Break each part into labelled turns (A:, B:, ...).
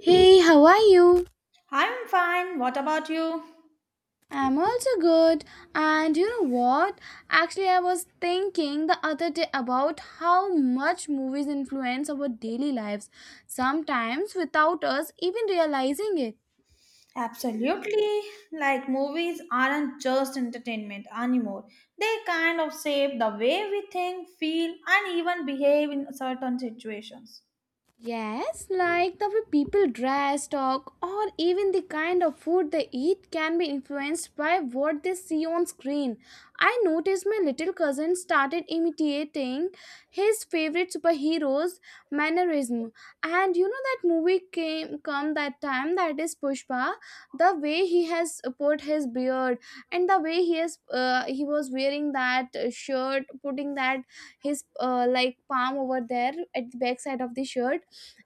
A: Hey, how are you?
B: I'm fine. What about you?
A: I'm also good. And you know what? Actually, I was thinking the other day about how much movies influence our daily lives, sometimes without us even realizing it.
B: Absolutely. Like movies aren't just entertainment anymore. They kind of shape the way we think, feel, and even behave in certain situations.
A: Yes, like the way people dress, talk, or even the kind of food they eat can be influenced by what they see on screen. I noticed my little cousin started imitating his favorite superheroes' mannerism. And you know that movie came come that time that is Pushpa, the way he has put his beard and the way he has he was wearing that shirt, putting that his like palm over there at the back side of the shirt,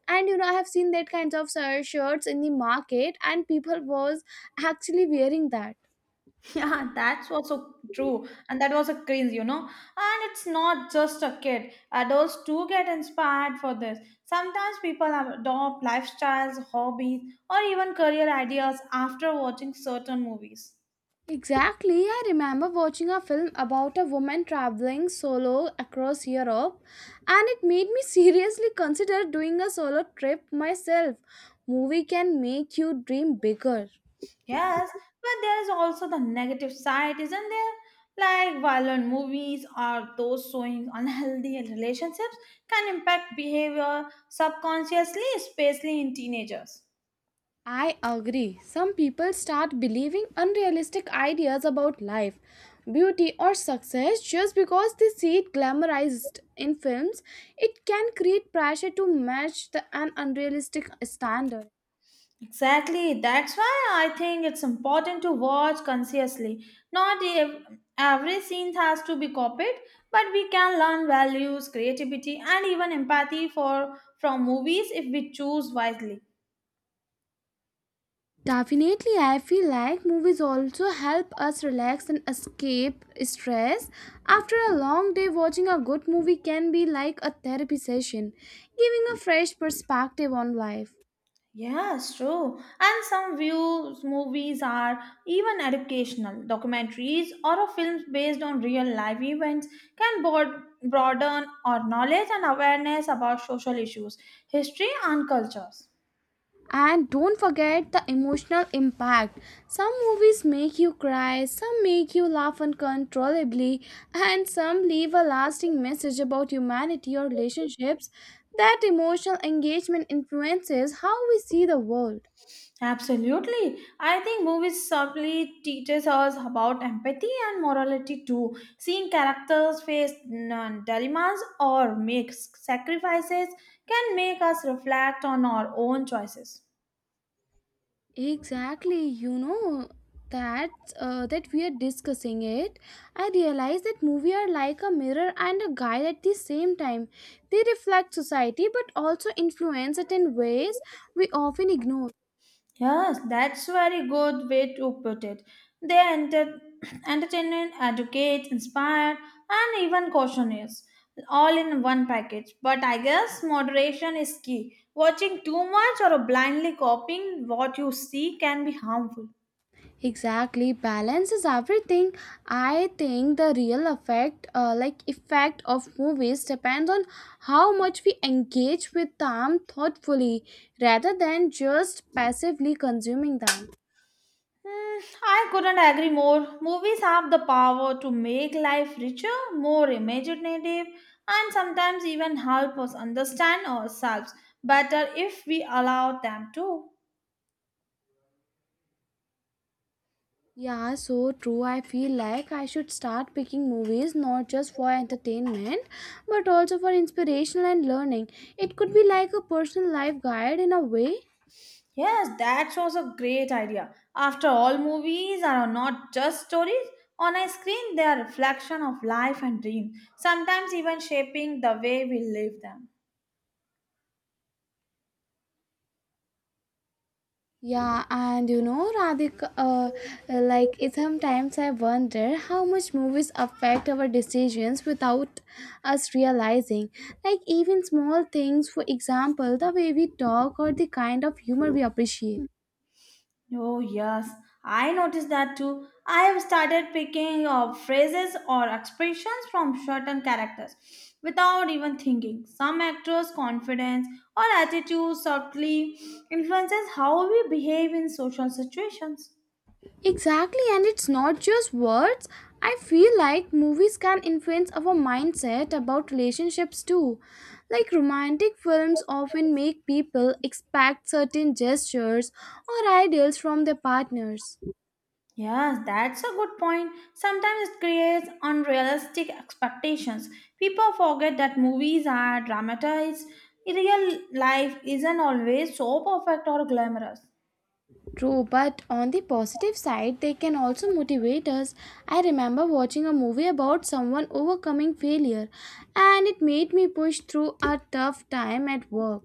A: and you know, I have seen that kinds of shirts in the market, and people was actually wearing that.
B: Yeah, that's also true. And that was a cringe, And it's not just a kid. Adults too get inspired for this. Sometimes people adopt lifestyles, hobbies, or even career ideas after watching certain movies.
A: Exactly, I remember watching a film about a woman traveling solo across Europe, and it made me seriously consider doing a solo trip myself. Movie can make you dream bigger.
B: Yes, but there is also the negative side, isn't there? Like violent movies or those showing unhealthy relationships can impact behavior subconsciously, especially in teenagers.
A: I agree. Some people start believing unrealistic ideas about life, beauty, or success just because they see it glamorized in films. It can create pressure to match the, an unrealistic standard.
B: Exactly, that's why I think it's important to watch consciously. Not ev- every scene has to be copied, but we can learn values, creativity, and even empathy for from movies if we choose wisely.
A: Definitely, I feel like movies also help us relax and escape stress. After a long day, watching a good movie can be like a therapy session, giving a fresh perspective on life.
B: Yes, true. And some views movies are even educational. Documentaries or films based on real life events can broaden our knowledge and awareness about social issues, history, and cultures.
A: And don't forget the emotional impact. Some movies make you cry, some make you laugh uncontrollably, and some leave a lasting message about humanity or relationships. That emotional engagement influences how we see the world.
B: Absolutely. I think movies subtly teaches us about empathy and morality too. Seeing characters face dilemmas or make sacrifices can make us reflect on our own choices.
A: Exactly, you know that that we are discussing it. I realize that movies are like a mirror and a guide at the same time. They reflect society but also influence it in ways we often ignore.
B: Yes, that's very good way to put it. They enter, Entertain, educate, inspire, and even cautioners, all in one package. But I guess moderation is key. Watching too much or blindly copying what you see can be harmful.
A: Exactly, balance is everything. I think the real effect of movies depends on how much we engage with them thoughtfully rather than just passively consuming them.
B: Hmm, I couldn't agree more. Movies have the power to make life richer, more imaginative, and sometimes even help us understand ourselves better if we allow them to.
A: Yeah, so true. I feel like I should start picking movies not just for entertainment but also for inspirational and learning. It could be like a personal life guide in a way.
B: Yes, that was a great idea. After all, movies are not just stories. On a screen, they are a reflection of life and dreams, sometimes even shaping the way we live them.
A: Yeah, and you know, Radhika, sometimes I wonder how much movies affect our decisions without us realizing. Like even small things, for example, the way we talk or the kind of humor we appreciate.
B: Oh, yes, I noticed that too. I have started picking up phrases or expressions from certain characters without even thinking. Some actors' confidence or attitude subtly influences how we behave in social situations.
A: Exactly, and it's not just words. I feel like movies can influence our mindset about relationships too. Like romantic films often make people expect certain gestures or ideals from their partners.
B: Yes, that's a good point. Sometimes it creates unrealistic expectations. People forget that movies are dramatized. Real life isn't always so perfect or glamorous.
A: True, but on the positive side, they can also motivate us. I remember watching a movie about someone overcoming failure, and it made me push through a tough time at work.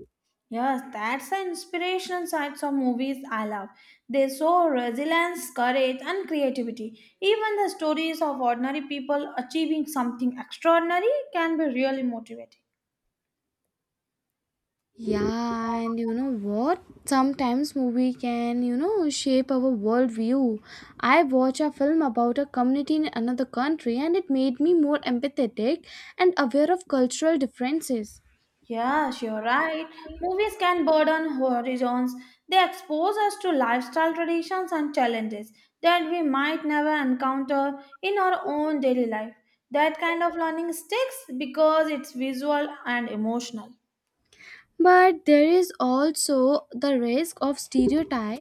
B: Yes, that's the inspirational sides of movies I love. They show resilience, courage, and creativity. Even the stories of ordinary people achieving something extraordinary can be really motivating.
A: Yeah, and you know what? Sometimes movie can, you know, shape our worldview. I watched a film about a community in another country and it made me more empathetic and aware of cultural differences.
B: Yes, you're right. Movies can broaden horizons. They expose us to lifestyle traditions and challenges that we might never encounter in our own daily life. That kind of learning sticks because it's visual and emotional.
A: But there is also the risk of stereotype,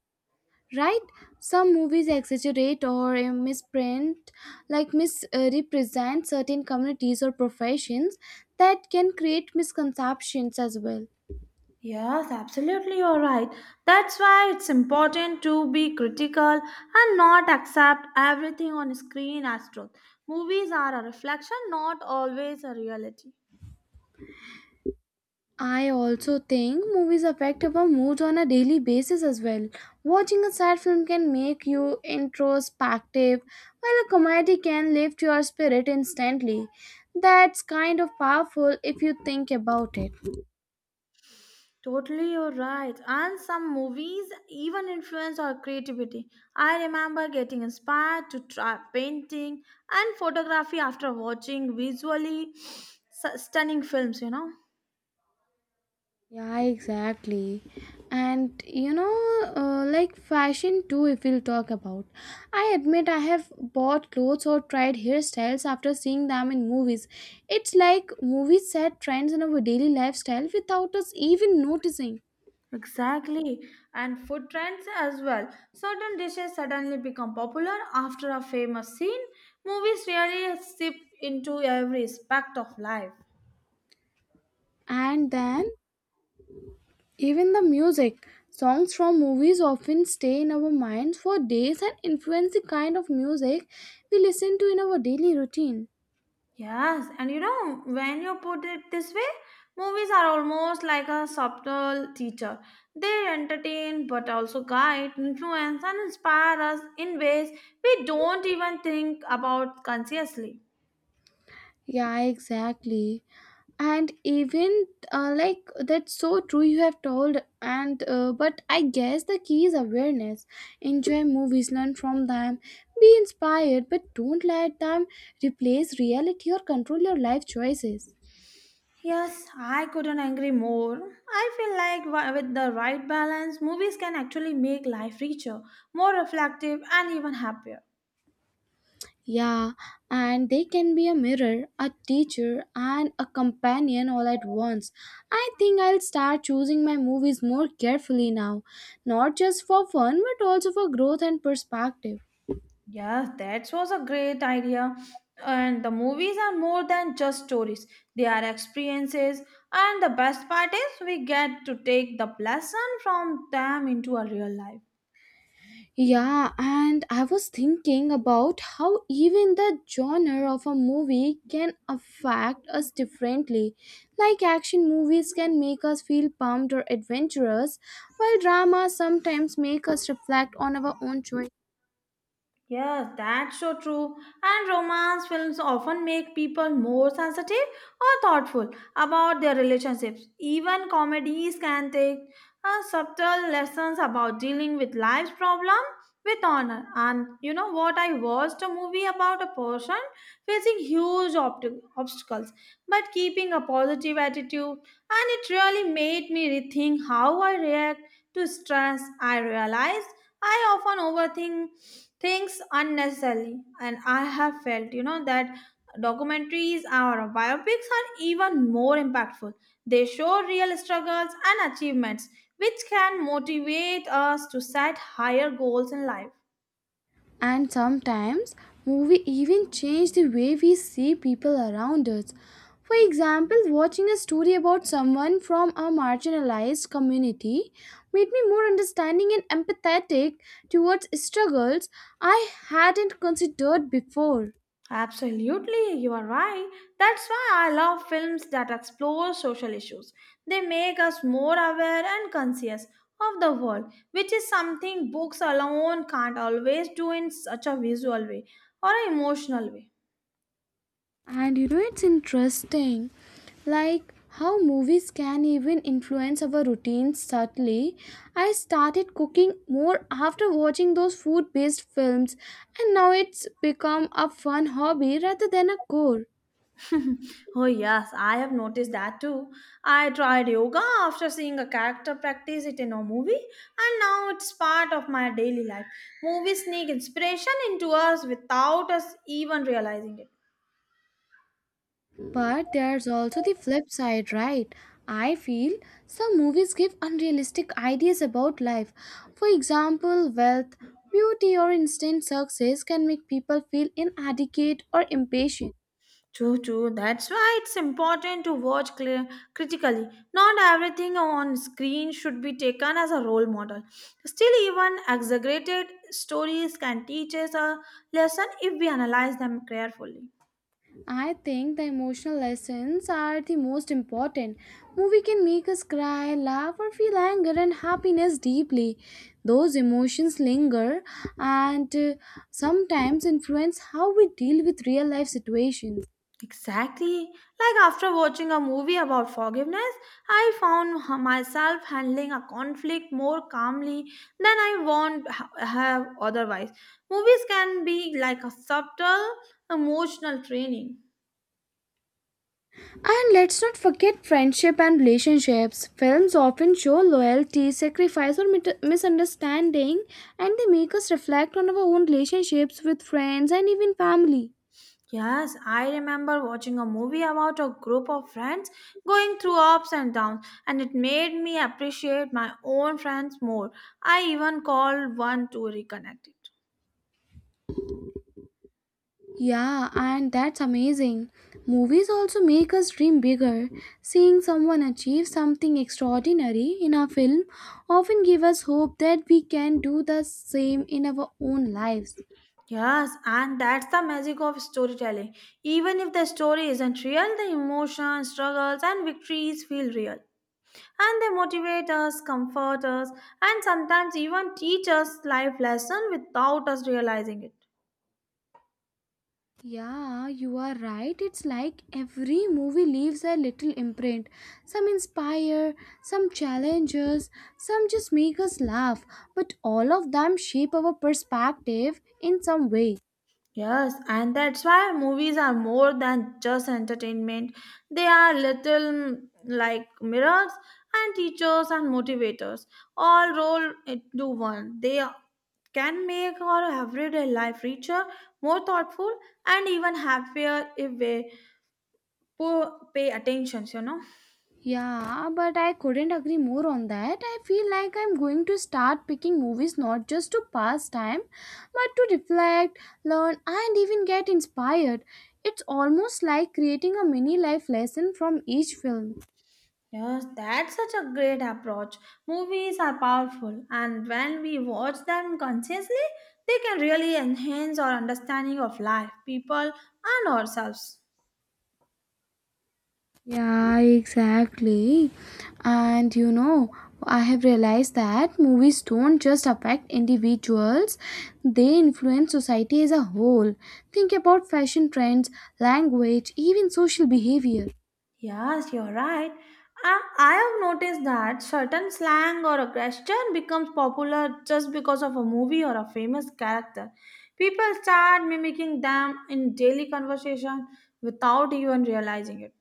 A: right? Some movies exaggerate or misprint like misrepresent certain communities or professions. That can create misconceptions as well.
B: Yes, absolutely, you're right. That's why it's important to be critical and not accept everything on screen as truth. Movies are a reflection, not always a reality.
A: I also think movies affect our moods on a daily basis as well. Watching a sad film can make you introspective, while a comedy can lift your spirit instantly. That's kind of powerful if you think about it.
B: Totally, you're right. And some movies even influence our creativity. I remember getting inspired to try painting and photography after watching stunning films, you know.
A: Yeah, exactly. And you know, fashion too, if we'll talk about. I admit I have bought clothes or tried hairstyles after seeing them in movies. It's like movies set trends in our daily lifestyle without us even noticing.
B: Exactly, and food trends as well. Certain dishes suddenly become popular after a famous scene. Movies really seep into every aspect of life.
A: And then, even the music. Songs from movies often stay in our minds for days and influence the kind of music we listen to in our daily routine.
B: Yes, and you know, when you put it this way, movies are almost like a subtle teacher. They entertain but also guide, influence, and inspire us in ways we don't even think about consciously.
A: Yeah, exactly. and even like that's so true, you have told, and but I guess the key is awareness. Enjoy movies, learn from them, be inspired, but don't let them replace reality or control your life choices.
B: Yes, I couldn't agree more. I feel like with the right balance, movies can actually make life richer, more reflective, and even happier.
A: Yeah, and they can be a mirror, a teacher, and a companion all at once. I think I'll start choosing my movies more carefully now, not just for fun but also for growth and perspective.
B: Yes, that was a great idea. And the movies are more than just stories, they are experiences. And the best part is, we get to take the lesson from them into our real life.
A: Yeah, and I was thinking about how even the genre of a movie can affect us differently. Like action movies can make us feel pumped or adventurous, while dramas sometimes make us reflect on our own choices.
B: Yes, that's so true. And romance films often make people more sensitive or thoughtful about their relationships. Even comedies can take subtle lessons about dealing with life's problem with honor. And you know what? I watched a movie about a person facing obstacles but keeping a positive attitude, and it really made me rethink how I react to stress. I realized I often overthink things unnecessarily, and I have felt you know that documentaries or biopics are even more impactful. They show real struggles and achievements which can motivate us to set higher goals in life.
A: And sometimes movie even change the way we see people around us. For example, watching a story about someone from a marginalized community made me more understanding and empathetic towards struggles I hadn't considered before.
B: Absolutely, you are right. That's why I love films that explore social issues. They make us more aware and conscious of the world, which is something books alone can't always do in such a visual way or an emotional way.
A: And you know, it's interesting, like how movies can even influence our routines subtly. I started cooking more after watching those food based films, and now it's become a fun hobby rather than a chore.
B: Oh, yes, I have noticed that too. I tried yoga after seeing a character practice it in a movie, and now it's part of my daily life. Movies sneak inspiration into us without us even realizing it.
A: But there's also the flip side, right? I feel some movies give unrealistic ideas about life. For example, wealth, beauty, or instant success can make people feel inadequate or impatient.
B: True, true. That's why it's important to watch clear, critically. Not everything on screen should be taken as a role model. Still, even exaggerated stories can teach us a lesson if we analyze them carefully.
A: I think the emotional lessons are the most important. Movie can make us cry, laugh, or feel anger and happiness deeply. Those emotions linger and sometimes influence how we deal with real life situations.
B: Exactly. Like after watching a movie about forgiveness, myself handling a conflict more calmly than I won't ha- have otherwise. Movies can be like a subtle emotional training.
A: And let's not forget friendship and relationships. Films often show loyalty, sacrifice, or misunderstanding, and they make us reflect on our own relationships with friends and even family.
B: Yes, I remember watching a movie about a group of friends going through ups and downs, and it made me appreciate my own friends more. I even called one to reconnect.
A: Yeah, and that's amazing. Movies also make us dream bigger. Seeing someone achieve something extraordinary in a film often give us hope that we can do the same in our own lives.
B: Yes, and that's the magic of storytelling. Even if the story isn't real, the emotions, struggles, and victories feel real. And they motivate us, comfort us, and sometimes even teach us life lessons without us realizing it.
A: Yeah, you are right. It's like every movie leaves a little imprint. Some inspire, some challenges, some just make us laugh, but all of them shape our perspective in some way.
B: Yes, and that's why movies are more than just entertainment. They are little like mirrors and teachers and motivators. All rolled into one. They can make our everyday life richer, more thoughtful, and even happier if we pay attention, you know.
A: Yeah, but I couldn't agree more on that. I feel like I'm going to start picking movies not just to pass time, but to reflect, learn, and even get inspired. It's almost like creating a mini life lesson from each film.
B: Yes, that's such a great approach. Movies are powerful, and when we watch them consciously, they can really enhance our understanding of life, people, and ourselves.
A: Yeah, exactly. And you know, I have realized that movies don't just affect individuals, they influence society as a whole. Think about fashion trends, language, even social behavior.
B: Yes, you're right. I have noticed that certain slang or a question becomes popular just because of a movie or a famous character. People start mimicking them in daily conversation without even realizing it.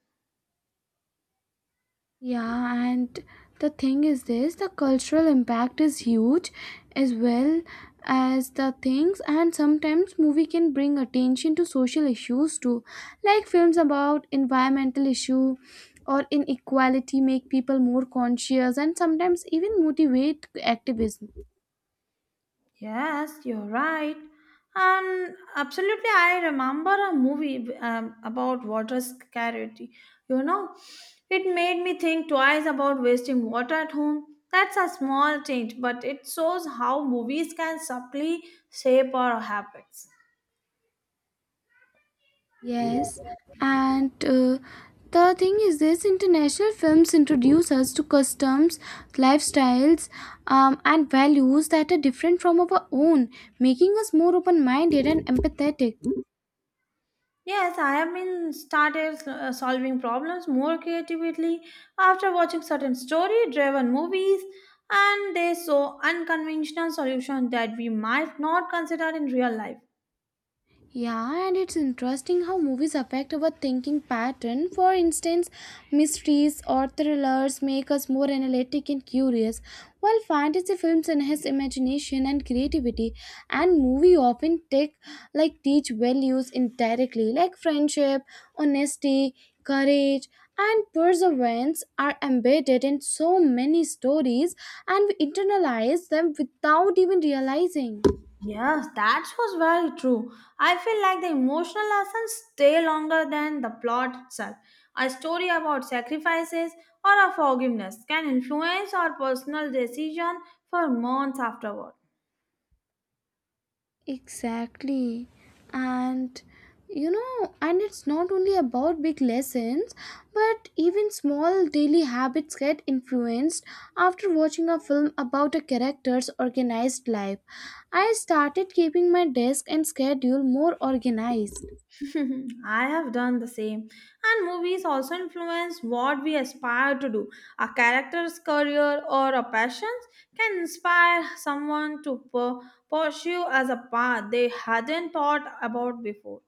A: Yeah, and the thing is this, the cultural impact is huge as well as the things. And sometimes movie can bring attention to social issues too, like films about environmental issue or inequality make people more conscious and sometimes even motivate activism.
B: Yes, you're right. And absolutely, I remember a movie about water scarcity. You know, it made me think twice about wasting water at home. That's a small change, but it shows how movies can subtly shape our habits.
A: Yes, and the thing is this, international films introduce us to customs, lifestyles, and values that are different from our own, making us more open minded and empathetic.
B: Yes, I have been started solving problems more creatively after watching certain story-driven movies, and they saw unconventional solutions that we might not consider in real life.
A: Yeah, and it's interesting how movies affect our thinking pattern. For instance, mysteries or thrillers make us more analytic and curious, while fantasy films enhance imagination and creativity. And movie often take like teach values indirectly, like friendship, honesty, courage, and perseverance are embedded in so many stories, and we internalize them without even realizing.
B: Yes, that was very true. I feel like the emotional lessons stay longer than the plot itself. A story about sacrifices or a forgiveness can influence our personal decision for months afterward.
A: Exactly. And you know, and it's not only about big lessons, but even small daily habits get influenced after watching a film about a character's organized life. I started keeping my desk and schedule more organized.
B: Mhm. I have done the same. And movies also influence what we aspire to do. A character's career or a passions can inspire someone to pursue as a path they hadn't thought about before.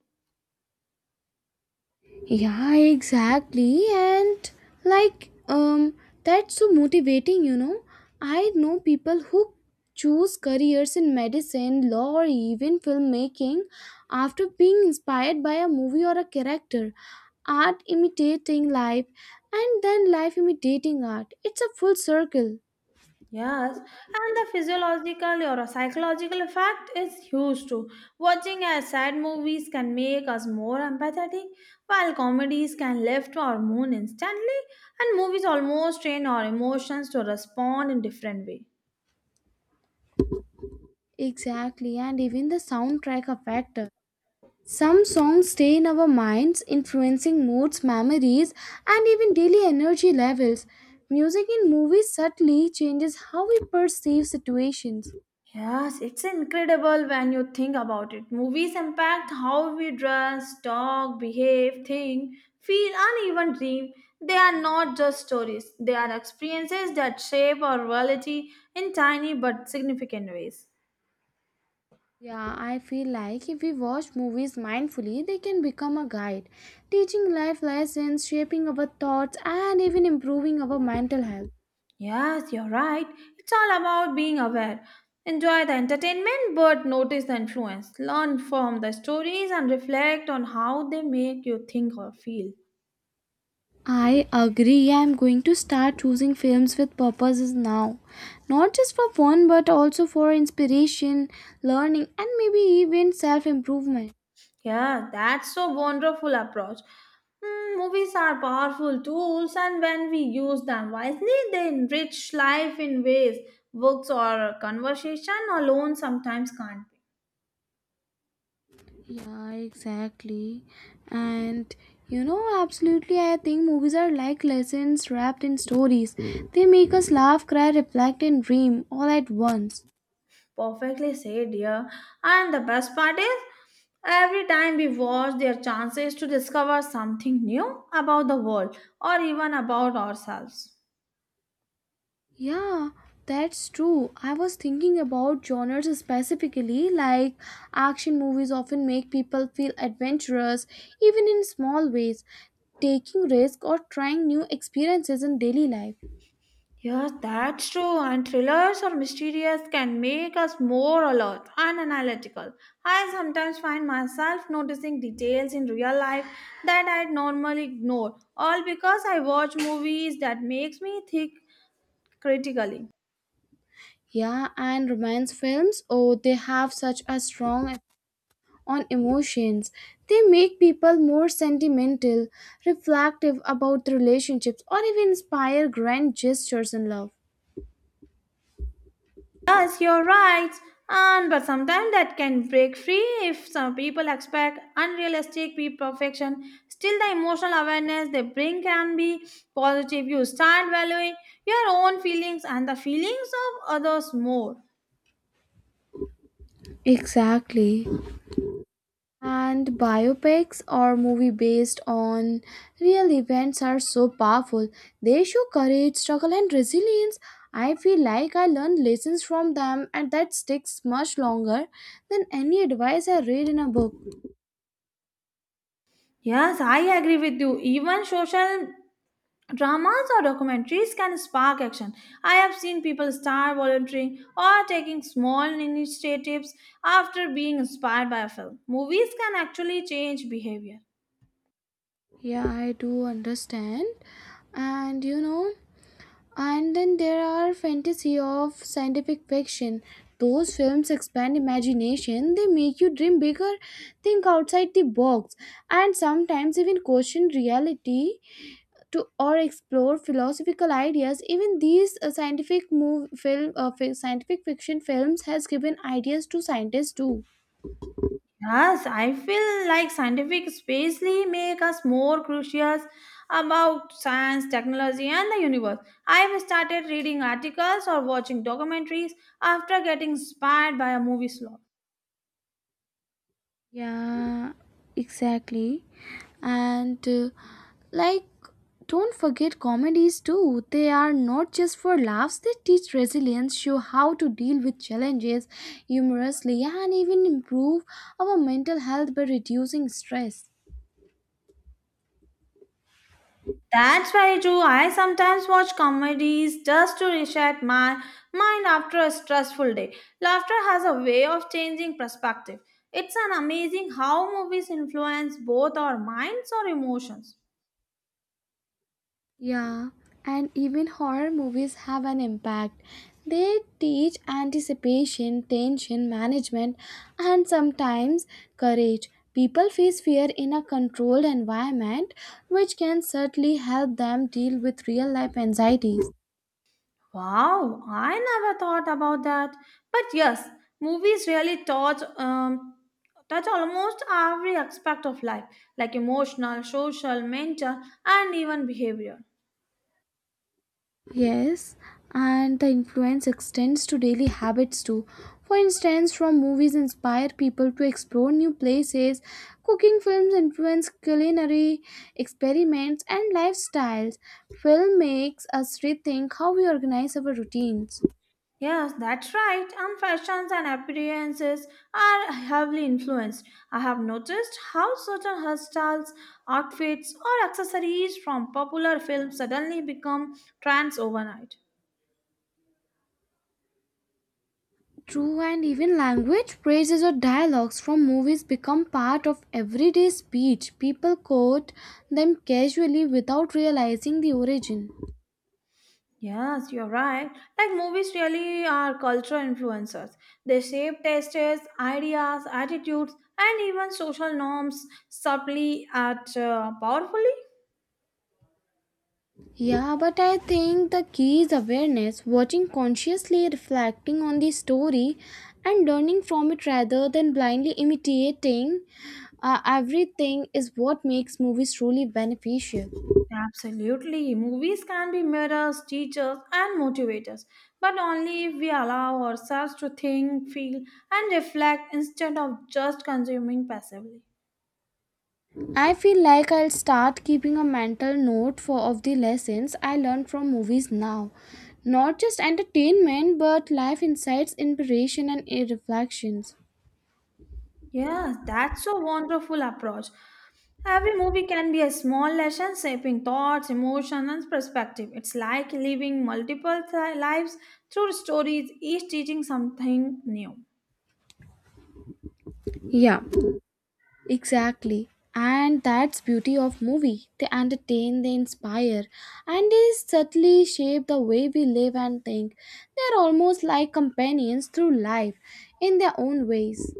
A: Yeah, exactly. And like, um, that's so motivating, you know. I know people who choose careers in medicine, law, or even filmmaking after being inspired by a movie or a character. Art imitating life, and then life imitating art. It's a full circle.
B: Yes, and the physiological or a psychological effect is huge too. Watching a sad movies can make us more empathetic, while comedies can lift our mood instantly, and movies almost train our emotions to respond in different way.
A: Exactly, and even the soundtrack effect. Some songs stay in our minds, influencing moods, memories, and even daily energy levels. Music in movies subtly changes how we perceive situations.
B: Yes, it's incredible when you think about it. Movies impact how we dress, talk, behave, think, feel, and even dream. They are not just stories, they are experiences that shape our reality in tiny but significant ways.
A: Yeah, I feel like if we watch movies mindfully, they can become a guide, teaching life lessons, shaping our thoughts, and even improving our mental health.
B: Yes, you're right. It's all about being aware. Enjoy the entertainment but notice the influence. Learn from the stories and reflect on how they make you think or feel.
A: I agree. I'm going to start choosing films with purposes now. Not just for fun, but also for inspiration, learning, and maybe even self improvement.
B: Yeah, that's so wonderful approach. Hmm, movies are powerful tools, and when we use them wisely, they enrich life in ways books or conversation alone sometimes can't be.
A: Yeah, exactly. And you know, absolutely, I think movies are like lessons wrapped in stories. They make us laugh, cry, reflect, and dream all at once.
B: Perfectly said, yeah. And the best part is, every time we watch, their chances to discover something new about the world or even about ourselves.
A: Yeah, that's true. I was thinking about genres specifically, like action movies often make people feel adventurous, even in small ways, taking risks or trying new experiences in daily life.
B: Yes, that's true. And thrillers or mysterious can make us more alert and analytical. I sometimes find myself noticing details in real life that I'd normally ignore, all because I watch movies that makes me think critically.
A: Yeah, and romance films, oh, they have such a on emotions. They make people more sentimental, reflective about relationships, or even inspire grand gestures in love.
B: Yes, you're right. And but sometimes that can break free if some people expect perfection. Still, the emotional awareness they bring can be positive. You start valuing your own feelings and the feelings of others more.
A: Exactly. And biopics or movie based on real events are so powerful. They show courage, struggle and resilience. I feel like I learned lessons from them and that sticks much longer than any advice I read in a book.
B: Yes, I agree with you. Even social dramas or documentaries can spark action. I have seen people start volunteering or taking small initiatives after being inspired by a film. Movies can actually change behavior.
A: Yeah, I do understand. And you know, and then there are fantasy of scientific fiction. Those films expand imagination, they make you dream bigger, think outside the box, and sometimes even question reality to or explore philosophical ideas. Even these scientific fiction films has given ideas to scientists too.
B: Yes, I feel like scientific spacely make us more curious about science, technology, and the universe. I have started reading articles or watching documentaries after getting inspired by a movie slot.
A: Yeah, exactly. And uh, like, don't forget comedies too. They are not just for laughs, they teach resilience, show how to deal with challenges humorously, and even improve our mental health by reducing stress.
B: That's very true. I sometimes watch comedies just to reset my mind after a stressful day. Laughter has a way of changing perspective. It's an amazing how movies influence both our minds or emotions.
A: Yeah, and even horror movies have an impact. They teach anticipation, tension management, and sometimes courage. People face fear in a controlled environment, which can certainly help them deal with real life anxieties.
B: Wow, I never thought about that. But yes, movies really touch almost every aspect of life, like emotional, social, mental, and even behavior.
A: Yes, and the influence extends to daily habits too. For instance, from movies inspire people to explore new places, cooking films influence culinary experiments and lifestyles. Film makes us rethink how we organize our routines.
B: Yes, that's right. And fashions and appearances are heavily influenced. I have noticed how certain hairstyles, outfits, or accessories from popular films suddenly become trends overnight.
A: True, and even language, phrases, or dialogues from movies become part of everyday speech. People quote them casually without realizing the origin.
B: Yes, you're right. Like movies really are cultural influencers. They shape tastes, ideas, attitudes, and even social norms subtly and powerfully.
A: Yeah, but I think the key is awareness, watching consciously, reflecting on the story, and learning from it rather than blindly imitating everything is what makes movies truly beneficial.
B: Absolutely. Movies can be mirrors, teachers, and motivators, but only if we allow ourselves to think, feel, and reflect instead of just consuming passively.
A: I feel like I'll start keeping a mental note for of the lessons I learned from movies now. Not just entertainment, but life insights, inspiration, and reflections.
B: Yeah, that's a wonderful approach. Every movie can be a small lesson shaping thoughts, emotions, and perspective. It's like living lives through stories, each teaching something new.
A: Yeah, exactly. And that's beauty of movie. They entertain, they inspire, and they subtly shape the way we live and think. They're almost like companions through life in their own ways.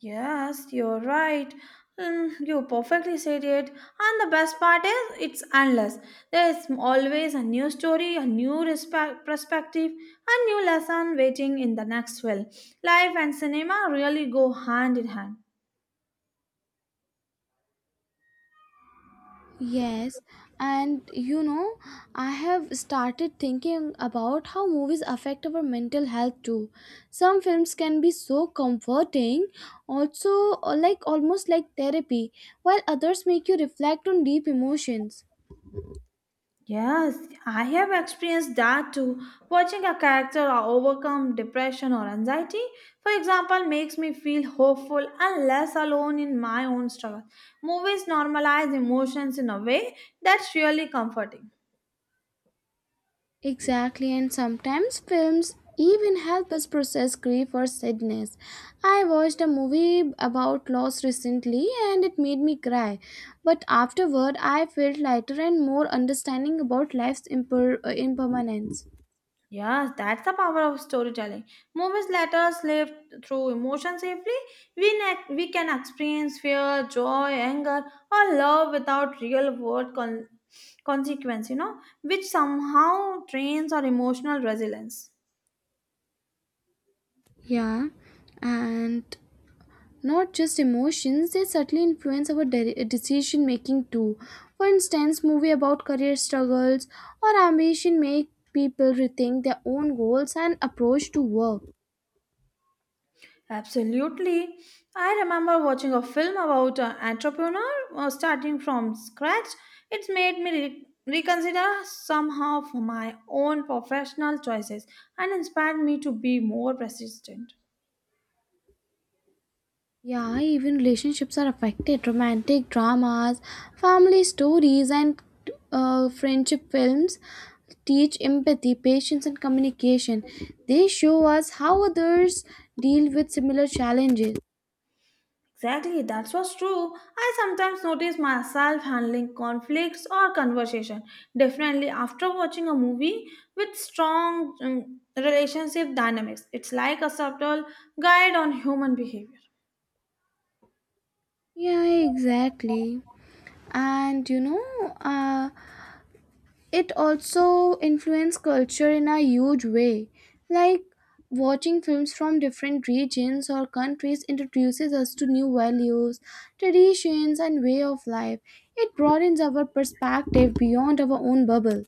B: Yes, you're right. Mm, you perfectly said it. And the best part is, it's endless. There is always a new story, perspective, a new lesson waiting in the next film. Life and cinema really go hand in hand.
A: Yes, and you know, I have started thinking about how movies affect our mental health too. Some films can be so comforting, also like almost like therapy, while others make you reflect on deep emotions.
B: Yes, I have experienced that too. Watching a character overcome depression or anxiety, for example, makes me feel hopeful and less alone in my own struggle. Movies normalize emotions in a way that's really comforting.
A: Exactly, and sometimes films even help us process grief or sadness. I watched a movie about loss recently and it made me cry, but afterward I felt lighter and more understanding about life's impermanence.
B: Yes, that's the power of storytelling. Movies let us live through emotion safely. We can experience fear, joy, anger, or love without consequence, you know, which somehow trains our emotional resilience.
A: Yeah, and not just emotions, they subtly influence our decision making too. For instance, movie about career struggles or ambition make people rethink their own goals and approach to work.
B: Absolutely. I remember watching a film about an entrepreneur starting from scratch. It's made me reconsider somehow for my own professional choices and inspired me to be more persistent.
A: Yeah, even relationships are affected. Romantic dramas, family stories, and friendship films teach empathy, patience, and communication. They show us how others deal with similar challenges.
B: Exactly, that's what's true. I sometimes notice myself handling conflicts or conversation differently after watching a movie with strong relationship dynamics. It's like a subtle guide on human behavior.
A: Yeah, exactly. And you know, it also influenced culture in a huge way. Like watching films from different regions or countries introduces us to new values, traditions, and way of life. It broadens our perspective beyond our own bubble.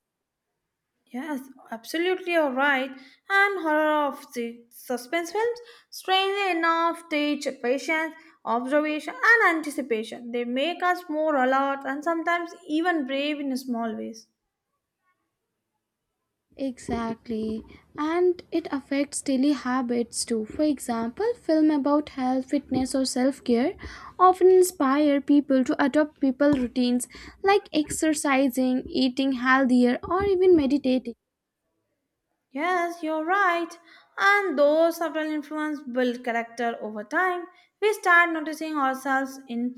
B: Yes, absolutely, you're right. And horror of the suspense films, strangely enough, teach patience, observation, and anticipation. They make us more alert and sometimes even brave in small ways.
A: Exactly. And it affects daily habits too. For example, film about health, fitness or self-care often inspire people to adopt people routines like exercising, eating healthier or even meditating.
B: Yes, you're right. And those subtle influence build character over time. We start noticing ourselves in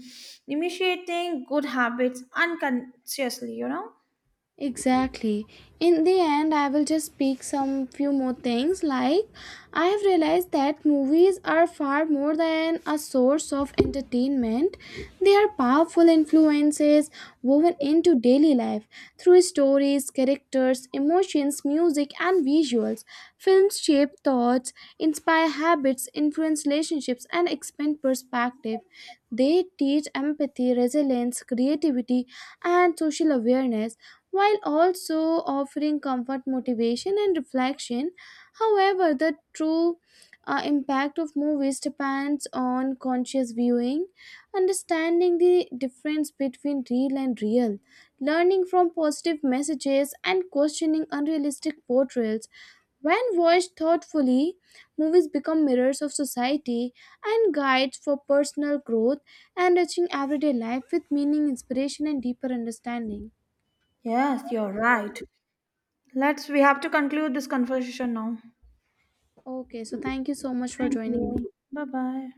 B: initiating good habits unconsciously, you know?
A: Exactly. In the end, I will just pick some few more things. Like, I have realized that movies are far more than a source of entertainment, they are powerful influences woven into daily life through stories, characters, emotions, music, and visuals. Films shape thoughts, inspire habits, influence relationships, and expand perspective. They teach empathy, resilience, creativity, and social awareness while also offering comfort, motivation, and reflection. However, the true impact of movies depends on conscious viewing, understanding the difference between real and real, learning from positive messages, and questioning unrealistic portrayals. When watched thoughtfully, movies become mirrors of society and guides for personal growth, enriching everyday life with meaning, inspiration, and deeper understanding.
B: Yes, you're right. Let's we have to conclude this conversation now.
A: Okay, so thank you so much for
B: Thank
A: joining me.
B: you. Bye bye.